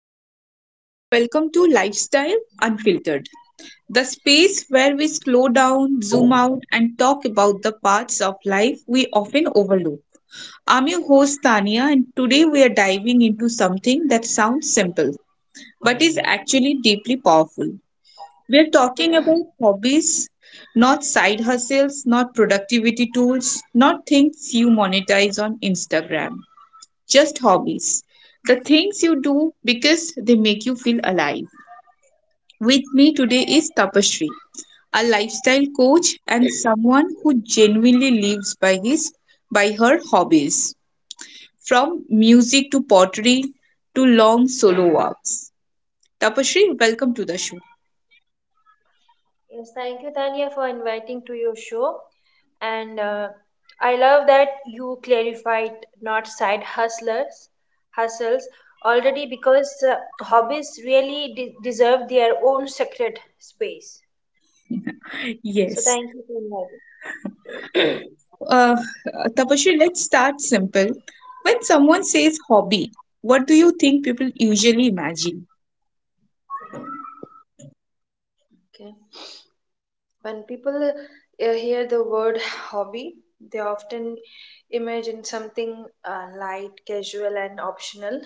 Hello, everyone, and welcome to Lifestyle Unfiltered, the space where we slow down, zoom out, and talk about the parts of life we often overlook. I'm your host, Tania, and today we are diving into something that sounds simple but is actually deeply powerful. We're talking about hobbies, not side hustles, not productivity tools, not things you monetize on Instagram, just hobbies. The things you do because they make you feel alive. With me today is Tapasree, a lifestyle coach and someone who genuinely lives by his by her hobbies, from music to pottery to long solo walks. Tapasree, welcome to the show. Yes, thank you, Tanya, for inviting to your show. And I love that you clarified not side hustlers, hustles already because hobbies really deserve their own sacred space. So thank Yes. you for inviting. Uh, Tapasree, let's start simple. When someone says hobby, what do you think people usually imagine? Okay. When people hear the word hobby, they often imagine something light, casual, and optional.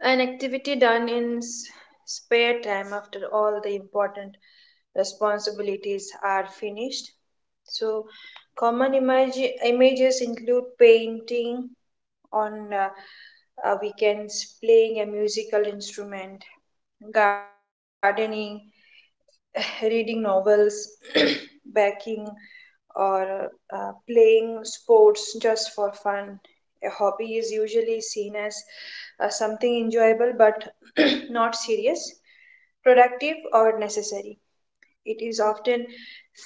An activity done in spare time after all the important responsibilities are finished. So, common images include painting on weekends, playing a musical instrument, gardening, reading novels, baking, or playing sports just for fun. A hobby is usually seen as something enjoyable but not serious, productive, or necessary. It is often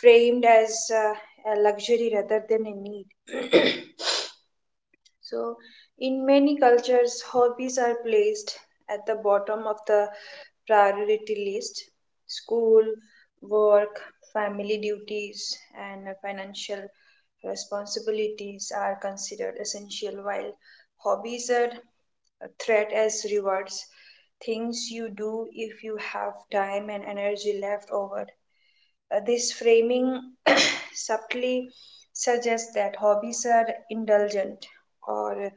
framed as a luxury rather than a need. So, in many cultures, hobbies are placed at the bottom of the priority list school, work, family duties, and financial responsibilities are considered essential, while hobbies are a threat as rewards, things you do if you have time and energy left over. This framing subtly suggests that hobbies are indulgent or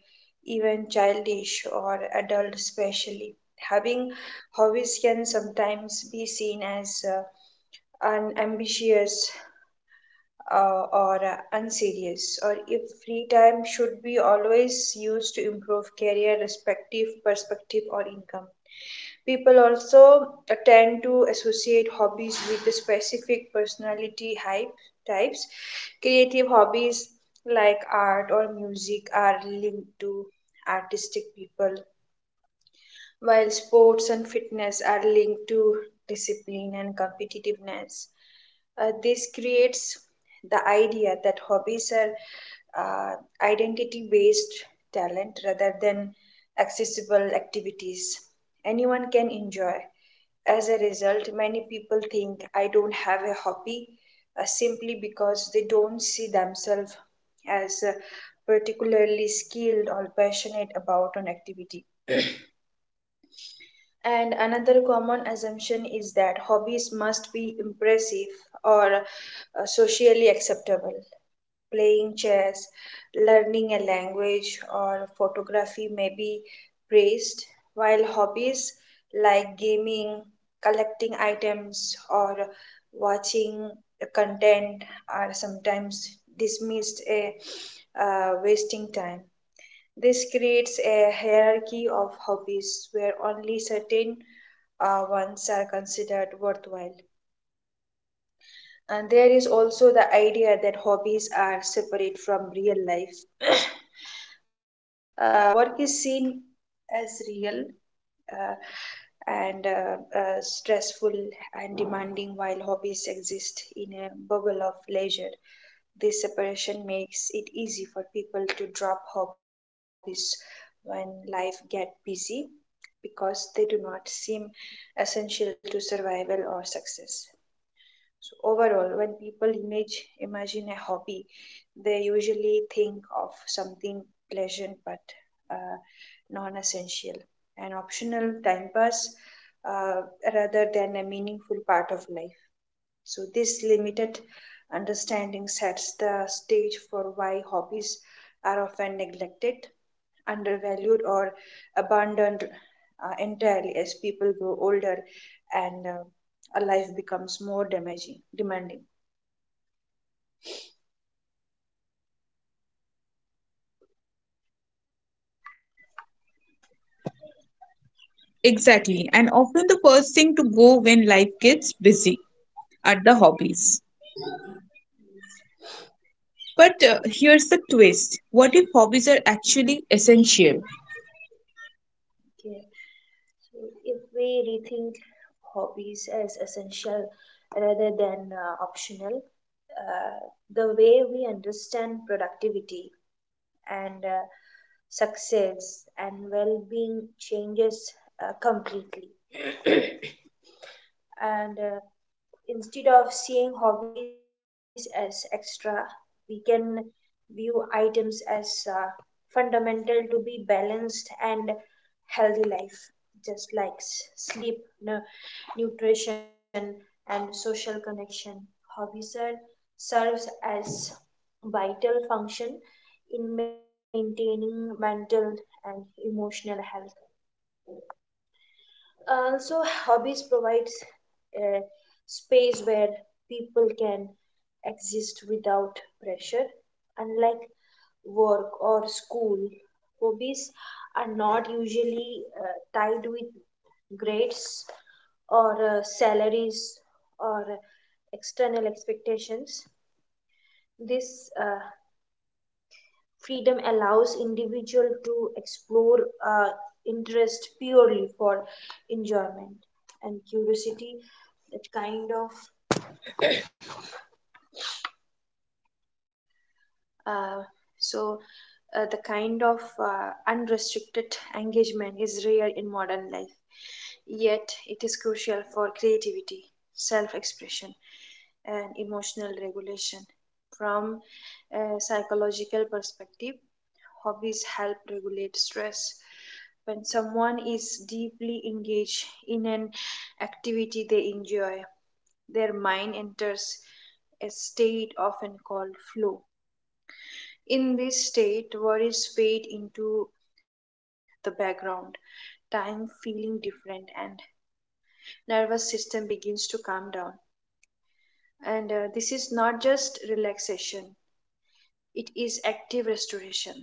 even childish or adult especially having hobbies can sometimes be seen as unambitious or unserious, or if free time should be always used to improve career, respective perspective, or income. People also tend to associate hobbies with the specific personality hype types. Creative hobbies like art or music are linked to artistic people, while sports and fitness are linked to discipline and competitiveness, this creates the idea that hobbies are uh, identity based talent rather than accessible activities anyone can enjoy. As a result, many people think I don't have a hobby simply because they don't see themselves as particularly skilled or passionate about an activity. And another common assumption is that hobbies must be impressive or socially acceptable. Playing chess, learning a language, or photography may be praised, while hobbies like gaming, collecting items, or watching content are sometimes dismissed as wasting time. This creates a hierarchy of hobbies where only certain ones are considered worthwhile. And there is also the idea that hobbies are separate from real life. Work is seen as real uh, and stressful and demanding while hobbies exist in a bubble of leisure. This separation makes it easy for people to drop hobbies when life gets busy because they do not seem essential to survival or success. So overall, when people image imagine a hobby, they usually think of something pleasant but uh, non-essential, an optional time pass uh, rather than a meaningful part of life. So this limited understanding sets the stage for why hobbies are often neglected undervalued or abandoned entirely as people grow older and a life becomes more demanding. Exactly, and often the first thing to go when life gets busy are the hobbies. But here's the twist, what if hobbies are actually essential? Okay. So if we rethink hobbies as essential rather than optional, uh, the way we understand productivity and success and well-being changes completely. And instead of seeing hobbies as extra, we can view items as fundamental to be balanced and healthy life, just like sleep, nu- nutrition, and social connection. Hobbies are, serves as vital function in maintaining mental and emotional health. Also, hobbies provides a space where people can exist without pressure. Unlike work or school, hobbies are not usually tied with grades or salaries or external expectations. This freedom allows individual to explore uh, interest purely for enjoyment and curiosity that kind of Uh, so, the kind of unrestricted engagement is rare in modern life, yet, it is crucial for creativity, self expression, and emotional regulation. From a psychological perspective, hobbies help regulate stress. When someone is deeply engaged in an activity they enjoy, their mind enters a state often called flow in this state, worries fade into the background, time feeling different, and nervous system begins to calm down. And this is not just relaxation; it is active restoration.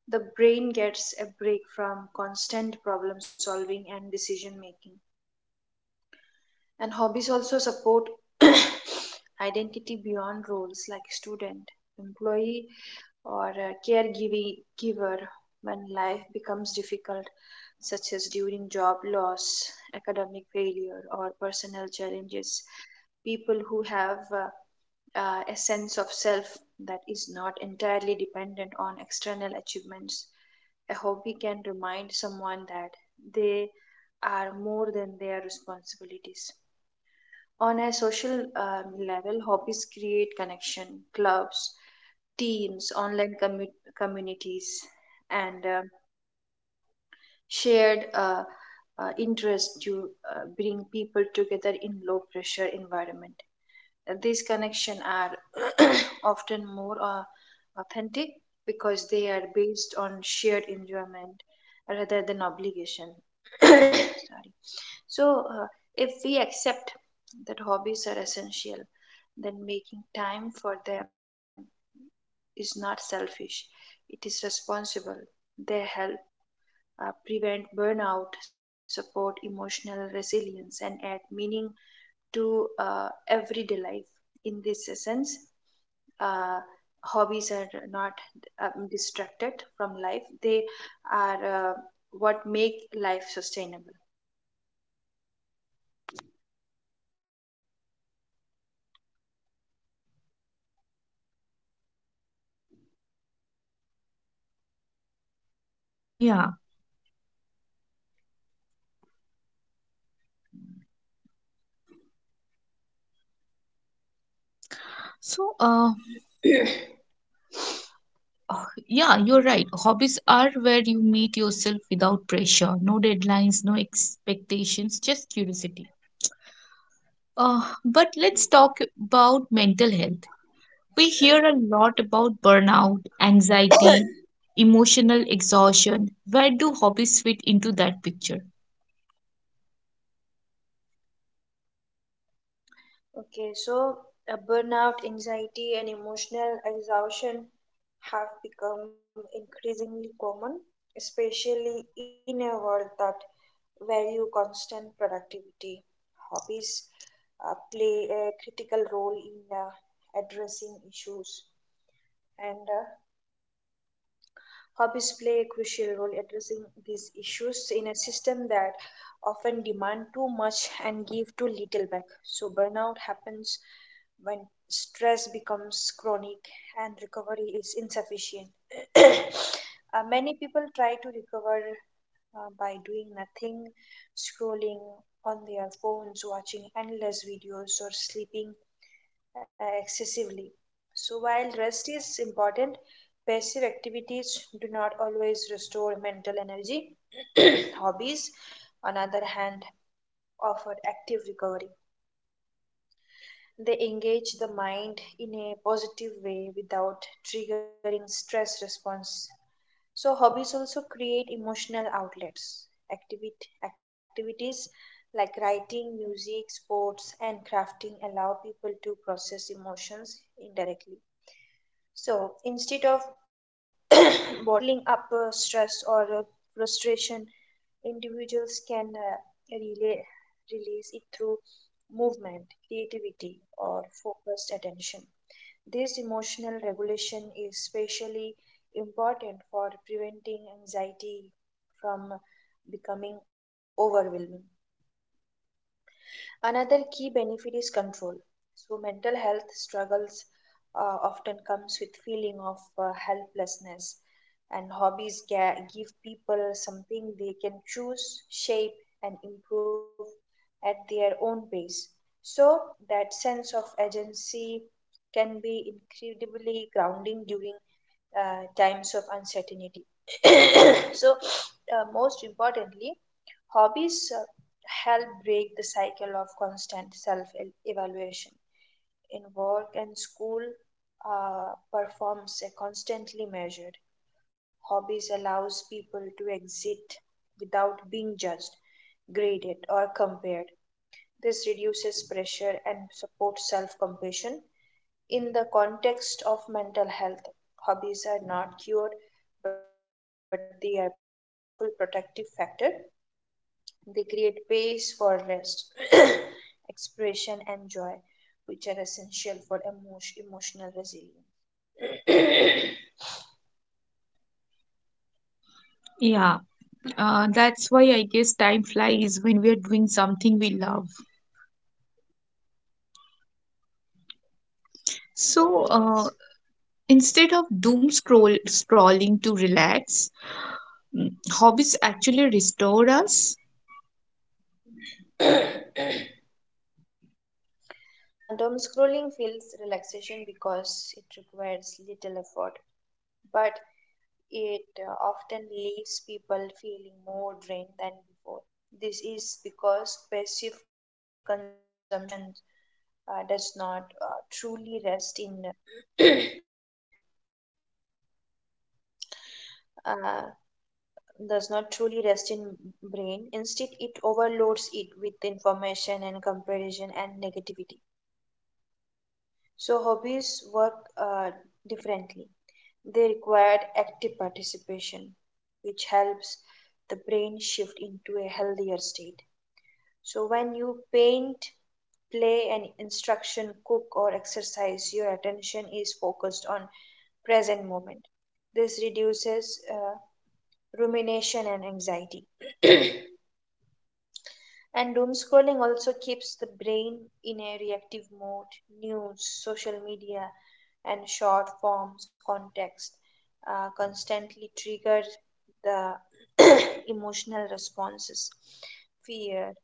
The brain gets a break from constant problem solving and decision making. And hobbies also support identity beyond roles like student, employee, or a caregiver giver when life becomes difficult, such as during job loss, academic failure, or personal challenges. People who have a sense of self that is not entirely dependent on external achievements. A hobby can remind someone that they are more than their responsibilities. On a social level, hobbies create connection, clubs, teams, online communities, and shared interests to bring people together in low pressure environment these connections are often more authentic because they are based on shared enjoyment rather than obligation. Sorry. So, if we accept that hobbies are essential, then making time for them is not selfish, it is responsible. They help prevent burnout, support emotional resilience, and add meaning to everyday life. In this sense, uh, hobbies are not distracted from life, they are what make life sustainable. Yeah. So, uh, yeah, you're right. Hobbies are where you meet yourself without pressure, no deadlines, no expectations, just curiosity. But let's talk about mental health. We hear a lot about burnout, anxiety, emotional exhaustion. Where do hobbies fit into that picture? Okay, so burnout, anxiety, and emotional exhaustion have become increasingly common, especially in a world that value constant productivity. Hobbies play a critical role in addressing issues and hobbies play a crucial role addressing these issues in a system that often demand too much and give too little back so burnout happens when stress becomes chronic and recovery is insufficient many people try to recover by doing nothing scrolling on their phones watching endless videos or sleeping excessively. So, while rest is important, passive activities do not always restore mental energy. Hobbies, on the other hand, offer active recovery. They engage the mind in a positive way without triggering stress response. So, hobbies also create emotional outlets. Activities like writing, music, sports, and crafting allow people to process emotions indirectly. So instead of bottling up stress or frustration, individuals can relay, release it through movement, creativity, or focused attention. This emotional regulation is especially important for preventing anxiety from becoming overwhelming. Another key benefit is control. So mental health struggles often comes with feeling of helplessness and hobbies give people something they can choose, shape and improve at their own pace. So that sense of agency can be incredibly grounding during times of uncertainty. So most importantly, Hobbies help break the cycle of constant self evaluation. In work and school, performs are constantly measured. Hobbies allows people to exit without being judged, graded, or compared. This reduces pressure and supports self compassion. In the context of mental health, hobbies are not cured, but they are powerful protective factor they create space for rest, expression, and joy, which are essential for emotional resilience. Yeah, that's why I guess time flies when we are doing something we love. So instead of doom scrolling to relax, mm, hobbies actually restore us. Yes. Doom scrolling feels relaxation because it requires little effort, but it often leaves people feeling more drained than before. This is because passive consumption uh, does not uh, truly rest in uh, does not truly rest in brain instead it overloads it with information and comparison and negativity so hobbies work differently they require active participation which helps the brain shift into a healthier state so when you paint play an instruction cook or exercise your attention is focused on present moment this reduces rumination and anxiety And doom scrolling also keeps the brain in a reactive mode. News, social media, and short forms context constantly trigger the emotional responses fear,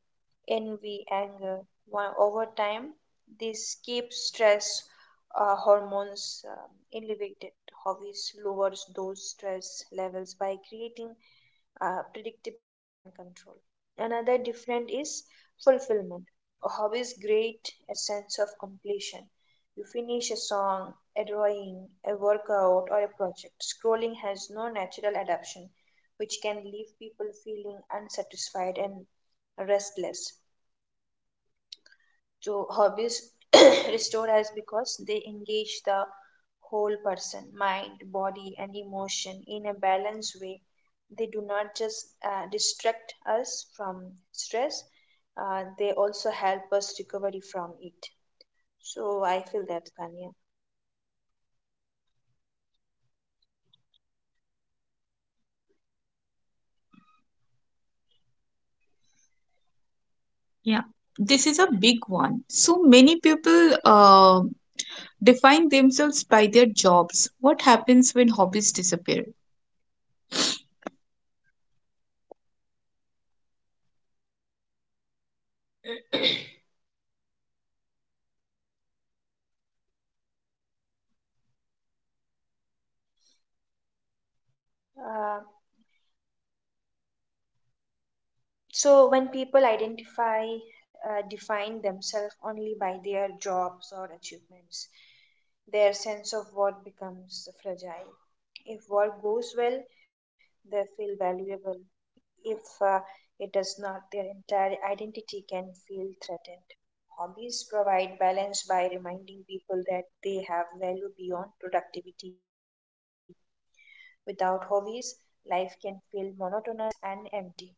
envy, anger. One, over time, this keeps stress hormones elevated. Hobbies lowers those stress levels by creating predictability and control. Another different is fulfillment. A hobby great a sense of completion. You finish a song, a drawing, a workout, or a project. Scrolling has no natural adaptation, which can leave people feeling unsatisfied and restless. So hobbies restore us because they engage the whole person, mind, body, and emotion in a balanced way. They do not just distract us from stress, they also help us recovery from it. So I feel that, Kanya. Yeah, this is a big one. So many people define themselves by their jobs. What happens when hobbies disappear? Uh, So when people define themselves only by their jobs or achievements, their sense of worth becomes fragile. If work goes well, they feel valuable. If uh, it does not, their entire identity can feel threatened. Hobbies provide balance by reminding people that they have value beyond productivity. Without hobbies, life can feel monotonous and empty.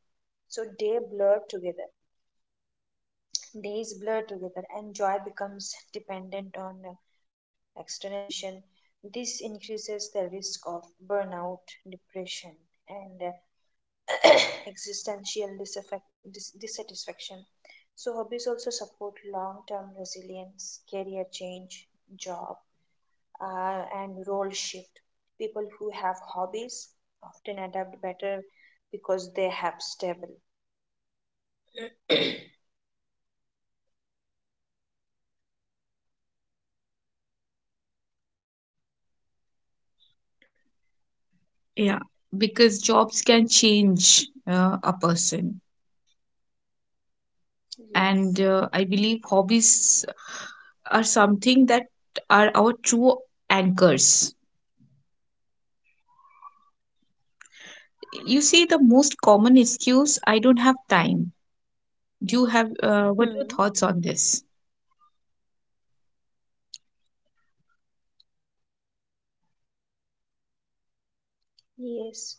So they blur together. Days blur together, and joy becomes dependent on external validation. This increases the risk of burnout, depression, and existential dissatisfaction. So, hobbies also support long term resilience, career change, job, and role shift. People who have hobbies often adapt better because they have stable. Yeah, because jobs can change a person. Yes. And I believe hobbies are something that are our true anchors. You see the most common excuse, I don't have time. Do you have what are Hmm. your thoughts on this? Yes.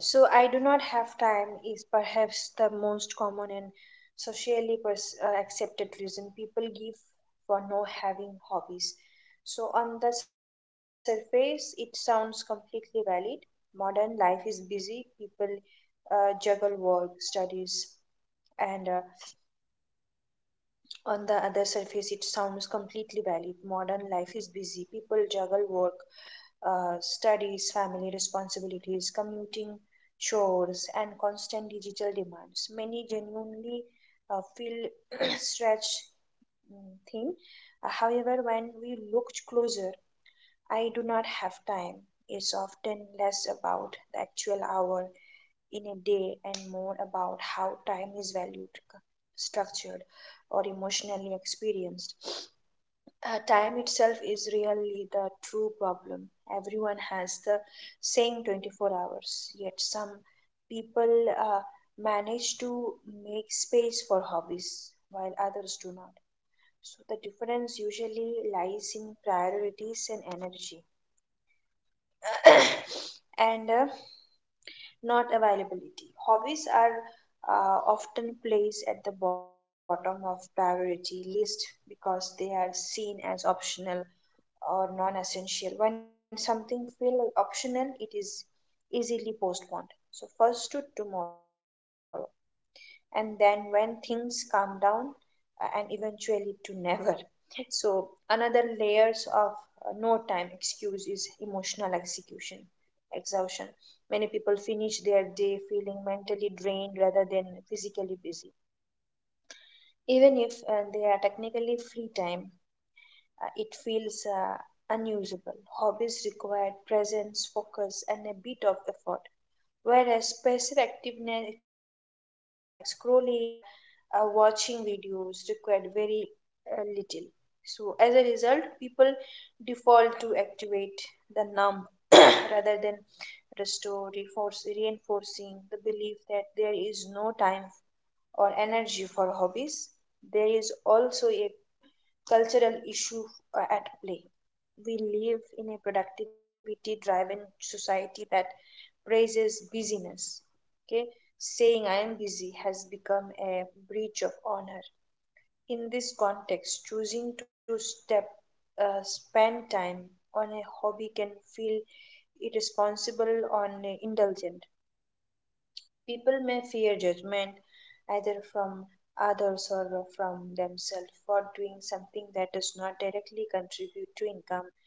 So I do not have time is perhaps the most common and socially accepted reason people give for no having hobbies. So on the surface, it sounds completely valid. Modern life is busy. People juggle work, studies, and on the other surface, it sounds completely valid. Modern life is busy. People juggle work, studies, family responsibilities, commuting, chores, and constant digital demands. Many genuinely feel stretched thin. However, when we look closer, I do not have time is often less about the actual hour in a day and more about how time is valued, structured, or emotionally experienced. Time itself is really the true problem. Everyone has the same 24 hours, yet some people manage to make space for hobbies while others do not. So the difference usually lies in priorities and energy and not availability. Hobbies are often placed at the bottom of priority list because they are seen as optional or non-essential. When something feels optional, it is easily postponed. So first to tomorrow, and then when things calm down, and eventually to never. So another layers of no time excuse is emotional execution, exhaustion. Many people finish their day feeling mentally drained rather than physically busy. Even if they are technically free time, it feels unusable. Hobbies require presence, focus, and a bit of effort, whereas passive activities like scrolling or watching videos require very little. So, as a result, people default to activate the numb rather than restore, reinforcing the belief that there is no time or energy for hobbies. There is also a cultural issue at play. We live in a productivity driven society that praises busyness. Okay, saying I am busy has become a breach of honor. In this context, choosing to step spend time on a hobby can feel irresponsible or indulgent. People may fear judgment, either from others or from themselves, for doing something that does not directly contribute to income,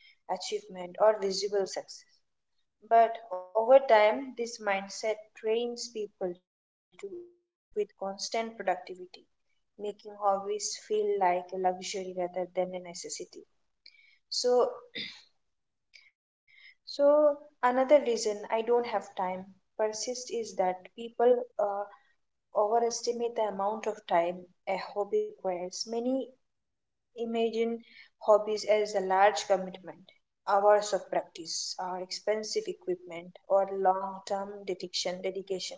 achievement, or visible success. But over time, this mindset trains people to equate worth with constant productivity, making hobbies feel like a luxury rather than a necessity. So, so, another reason I don't have time persist is that people overestimate the amount of time a hobby requires. Many imagine hobbies as a large commitment, hours of practice, or expensive equipment, or long-term dedication. Dedication,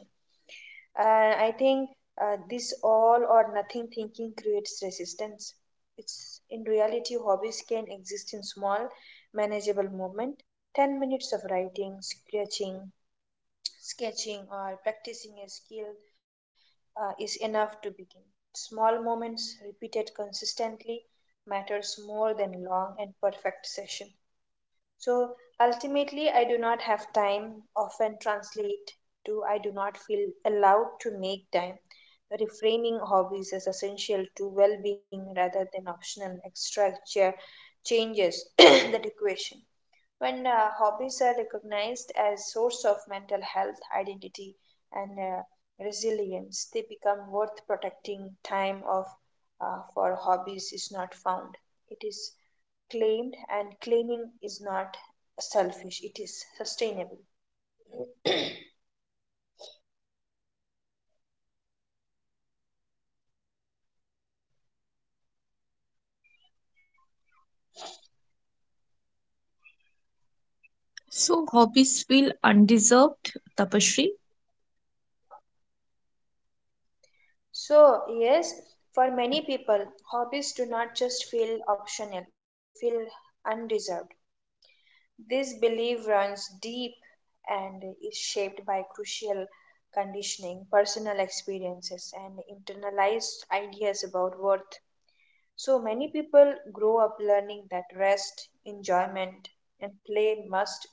and I think this all or nothing thinking creates resistance. It's in reality, hobbies can exist in small, manageable movement. 10 minutes of writing, sketching, or practicing a skill is enough to begin. Small moments repeated consistently matters more than long and perfect session. So ultimately, I do not have time often translate to I do not feel allowed to make time. Reframing hobbies as essential to well being rather than optional changes that equation. When hobbies are recognized as source of mental health, identity, and resilience, they become worth protecting. Time of for hobbies is not found. It is claimed, and claiming is not selfish. It is sustainable. So hobbies feel undeserved, Tapashri? So yes, for many people, hobbies do not just feel optional; they feel undeserved. This belief runs deep and is shaped by crucial conditioning, personal experiences, and internalized ideas about worth. So many people grow up learning that rest, enjoyment, and play must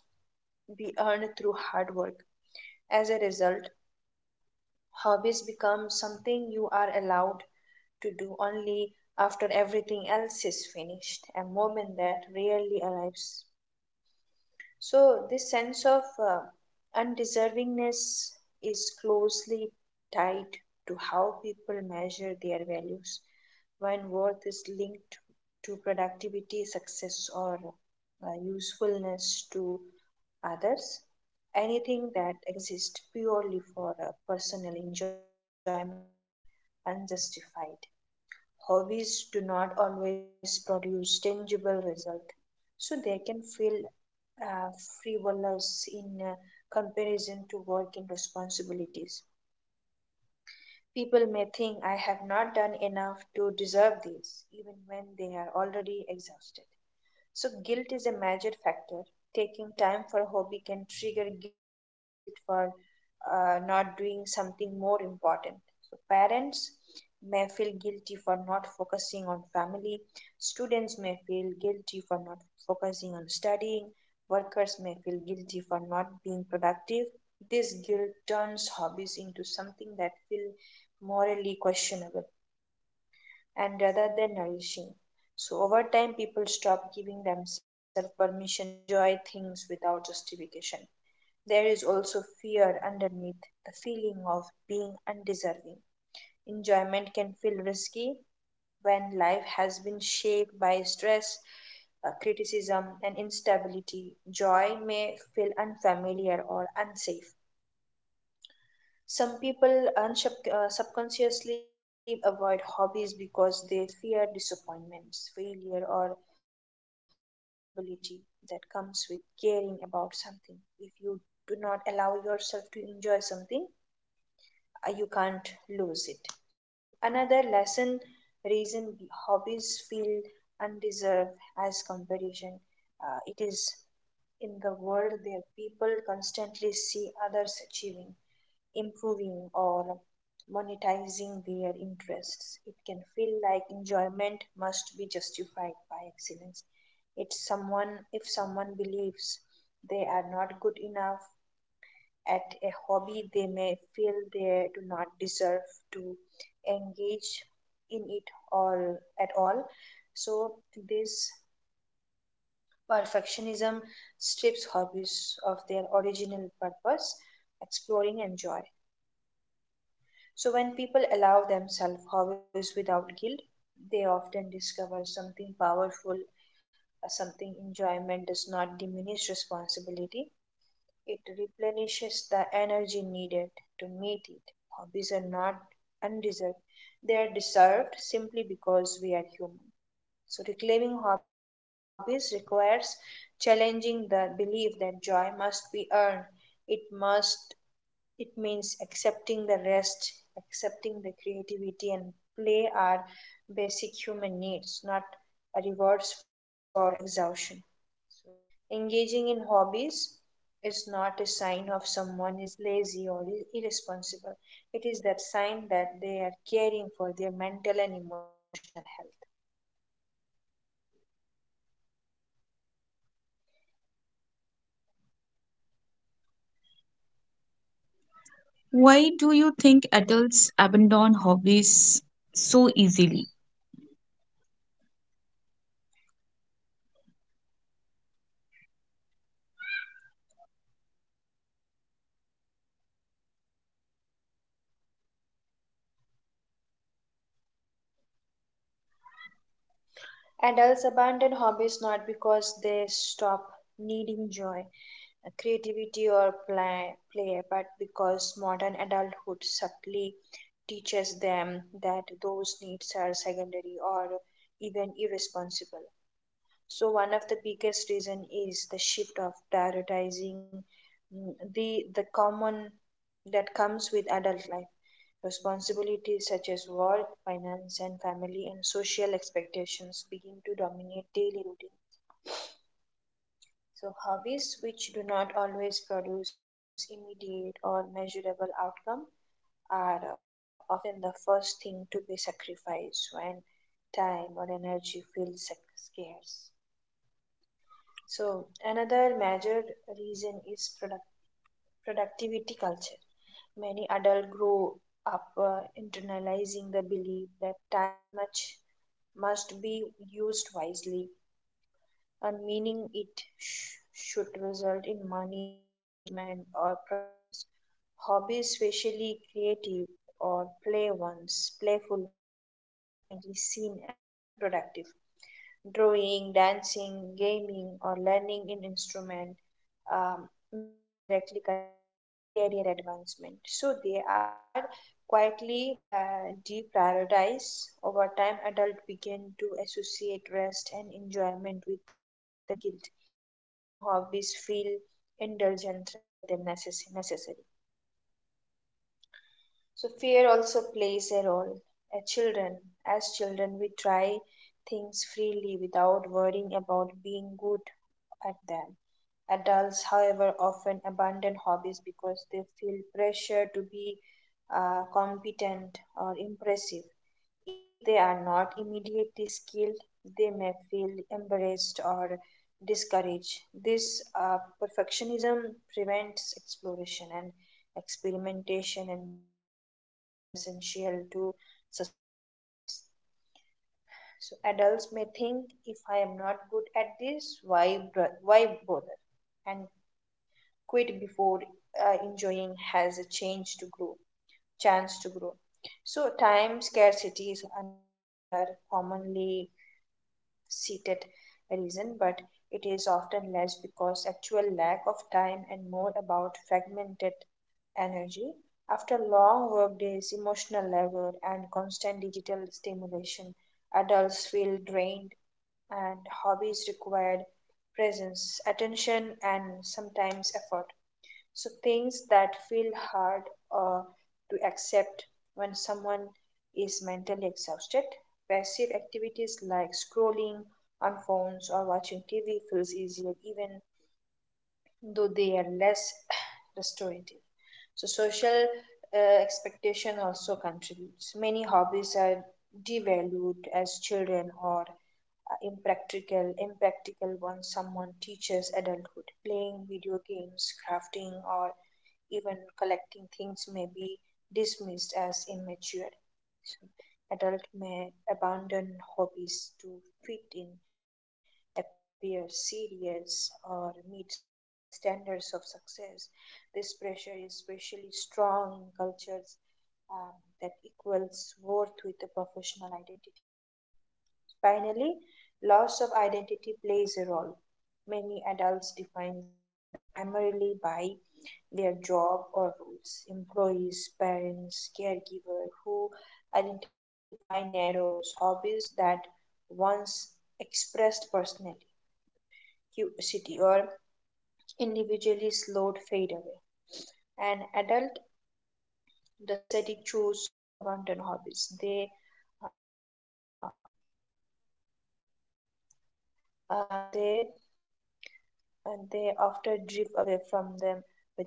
be earned through hard work. As a result, hobbies become something you are allowed to do only after everything else is finished, a moment that rarely arrives. So, this sense of undeservingness is closely tied to how people measure their values. When worth is linked to productivity, success, or usefulness to others, anything that exists purely for personal enjoyment can feel unjustified. Hobbies do not always produce tangible result, so they can feel uh, frivolous in comparison to work and responsibilities. People may think I have not done enough to deserve this, even when they are already exhausted. So, guilt is a major factor. Taking time for a hobby can trigger guilt for not doing something more important. So, parents may feel guilty for not focusing on family, students may feel guilty for not focusing on studying, workers may feel guilty for not being productive. This guilt turns hobbies into something that feel morally questionable and rather than nourishing. So over time, people stop giving themselves permission to enjoy things without justification. There is also fear underneath the feeling of being undeserving. Enjoyment can feel risky when life has been shaped by stress, criticism, and instability. Joy may feel unfamiliar or unsafe. Some people subconsciously avoid hobbies because they fear disappointments, failure, or vulnerability that comes with caring about something. If you do not allow yourself to enjoy something, you can't lose it. Another lesson reason hobbies feel undeserved as comparison. It is in the world where people constantly see others achieving improving or monetizing their interests. It can feel like enjoyment must be justified by excellence. It's someone if someone believes they are not good enough at a hobby, they may feel they do not deserve to engage in it or at all. So this perfectionism strips hobbies of their original purpose, exploring and joy. So, when people allow themselves hobbies without guilt, they often discover something powerful, something enjoyment does not diminish responsibility. It replenishes the energy needed to meet it. Hobbies are not undeserved, they are deserved simply because we are human. So, reclaiming hobbies requires challenging the belief that joy must be earned, it must it means accepting the rest, accepting the creativity, and play are basic human needs, not rewards for exhaustion. So, engaging in hobbies is not a sign of someone is lazy or irresponsible. It is that sign that they are caring for their mental and emotional health. Why do you think adults abandon hobbies so easily? Adults abandon hobbies not because they stop needing joy, creativity or play, but because modern adulthood subtly teaches them that those needs are secondary or even irresponsible. So one of the biggest reason is the shift of prioritizing the common that comes with adult life. Responsibilities such as work, finance, and family and social expectations begin to dominate daily routines. So hobbies which do not always produce immediate or measurable outcome are often the first thing to be sacrificed when time or energy feels scarce. So another major reason is productivity culture. Many adults grow up internalizing the belief that time much must be used wisely and meaning it should result in money, achievement, or progress. Hobbies, especially creative or play ones, playful ones, are frequently seen as unproductive. Drawing, dancing, gaming, or learning an instrument may not directly contribute to career advancement. So they are quietly deprioritized. Over time, adults begin to associate rest and enjoyment with the laziness or guilt, making hobbies feel indulgent rather than necessary. So fear also plays a role. As children, as children, we try things freely without worrying about being good at them. Adults, however, often abandon hobbies because they feel pressure to be competent or impressive. If they are not immediately skilled, they may feel embarrassed or discouraged. This perfectionism prevents exploration and experimentation, and both of which are essential to sustaining hobbies. So adults may think if I am not good at this, why bother, and quit before enjoying has a chance to grow. So time scarcity is another commonly seated reason, but it is often less because actual lack of time and more about fragmented energy. After long work days, emotional labor, and constant digital stimulation, adults feel drained and hobbies required presence, attention, and sometimes effort. So things that feel hard uh, to accept when someone is mentally exhausted. Passive activities like scrolling on phones or watching TV feels easier even though they are less restorative. So social expectation also contributes. Many hobbies are devalued as children or impractical once someone teaches adulthood. Playing video games, crafting or even collecting things may be dismissed as immature. So, adults may abandon hobbies to fit in, appear serious, or meet social standards of success. This pressure is especially strong in cultures um, that equals worth with a professional identity. Finally, loss of identity plays a role. Many adults define themselves primarily by their job or roles. Employees, parents, caregiver who identify narrows, hobbies that once expressed personally, curiosity or individually slowed fade away. An adult does not necessarily choose to abandon hobbies. Uh, uh, they they often drift away from them without realizing with the losing.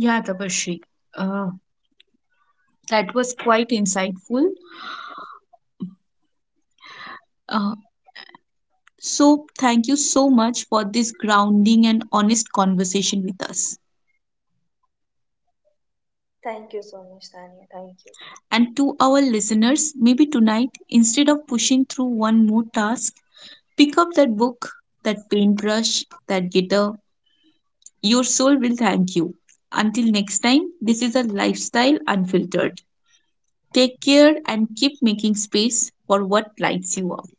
Yeah, Tabashri. Uh, That was quite insightful. Uh, so, thank you so much for this grounding and honest conversation with us. Thank you so much, Tanya. Thank you. And to our listeners, maybe tonight, instead of pushing through one more task, pick up that book, that paintbrush, that guitar. Your soul will thank you. Until next time, this is a Lifestyle Unfiltered. Take care and keep making space for what lights you up.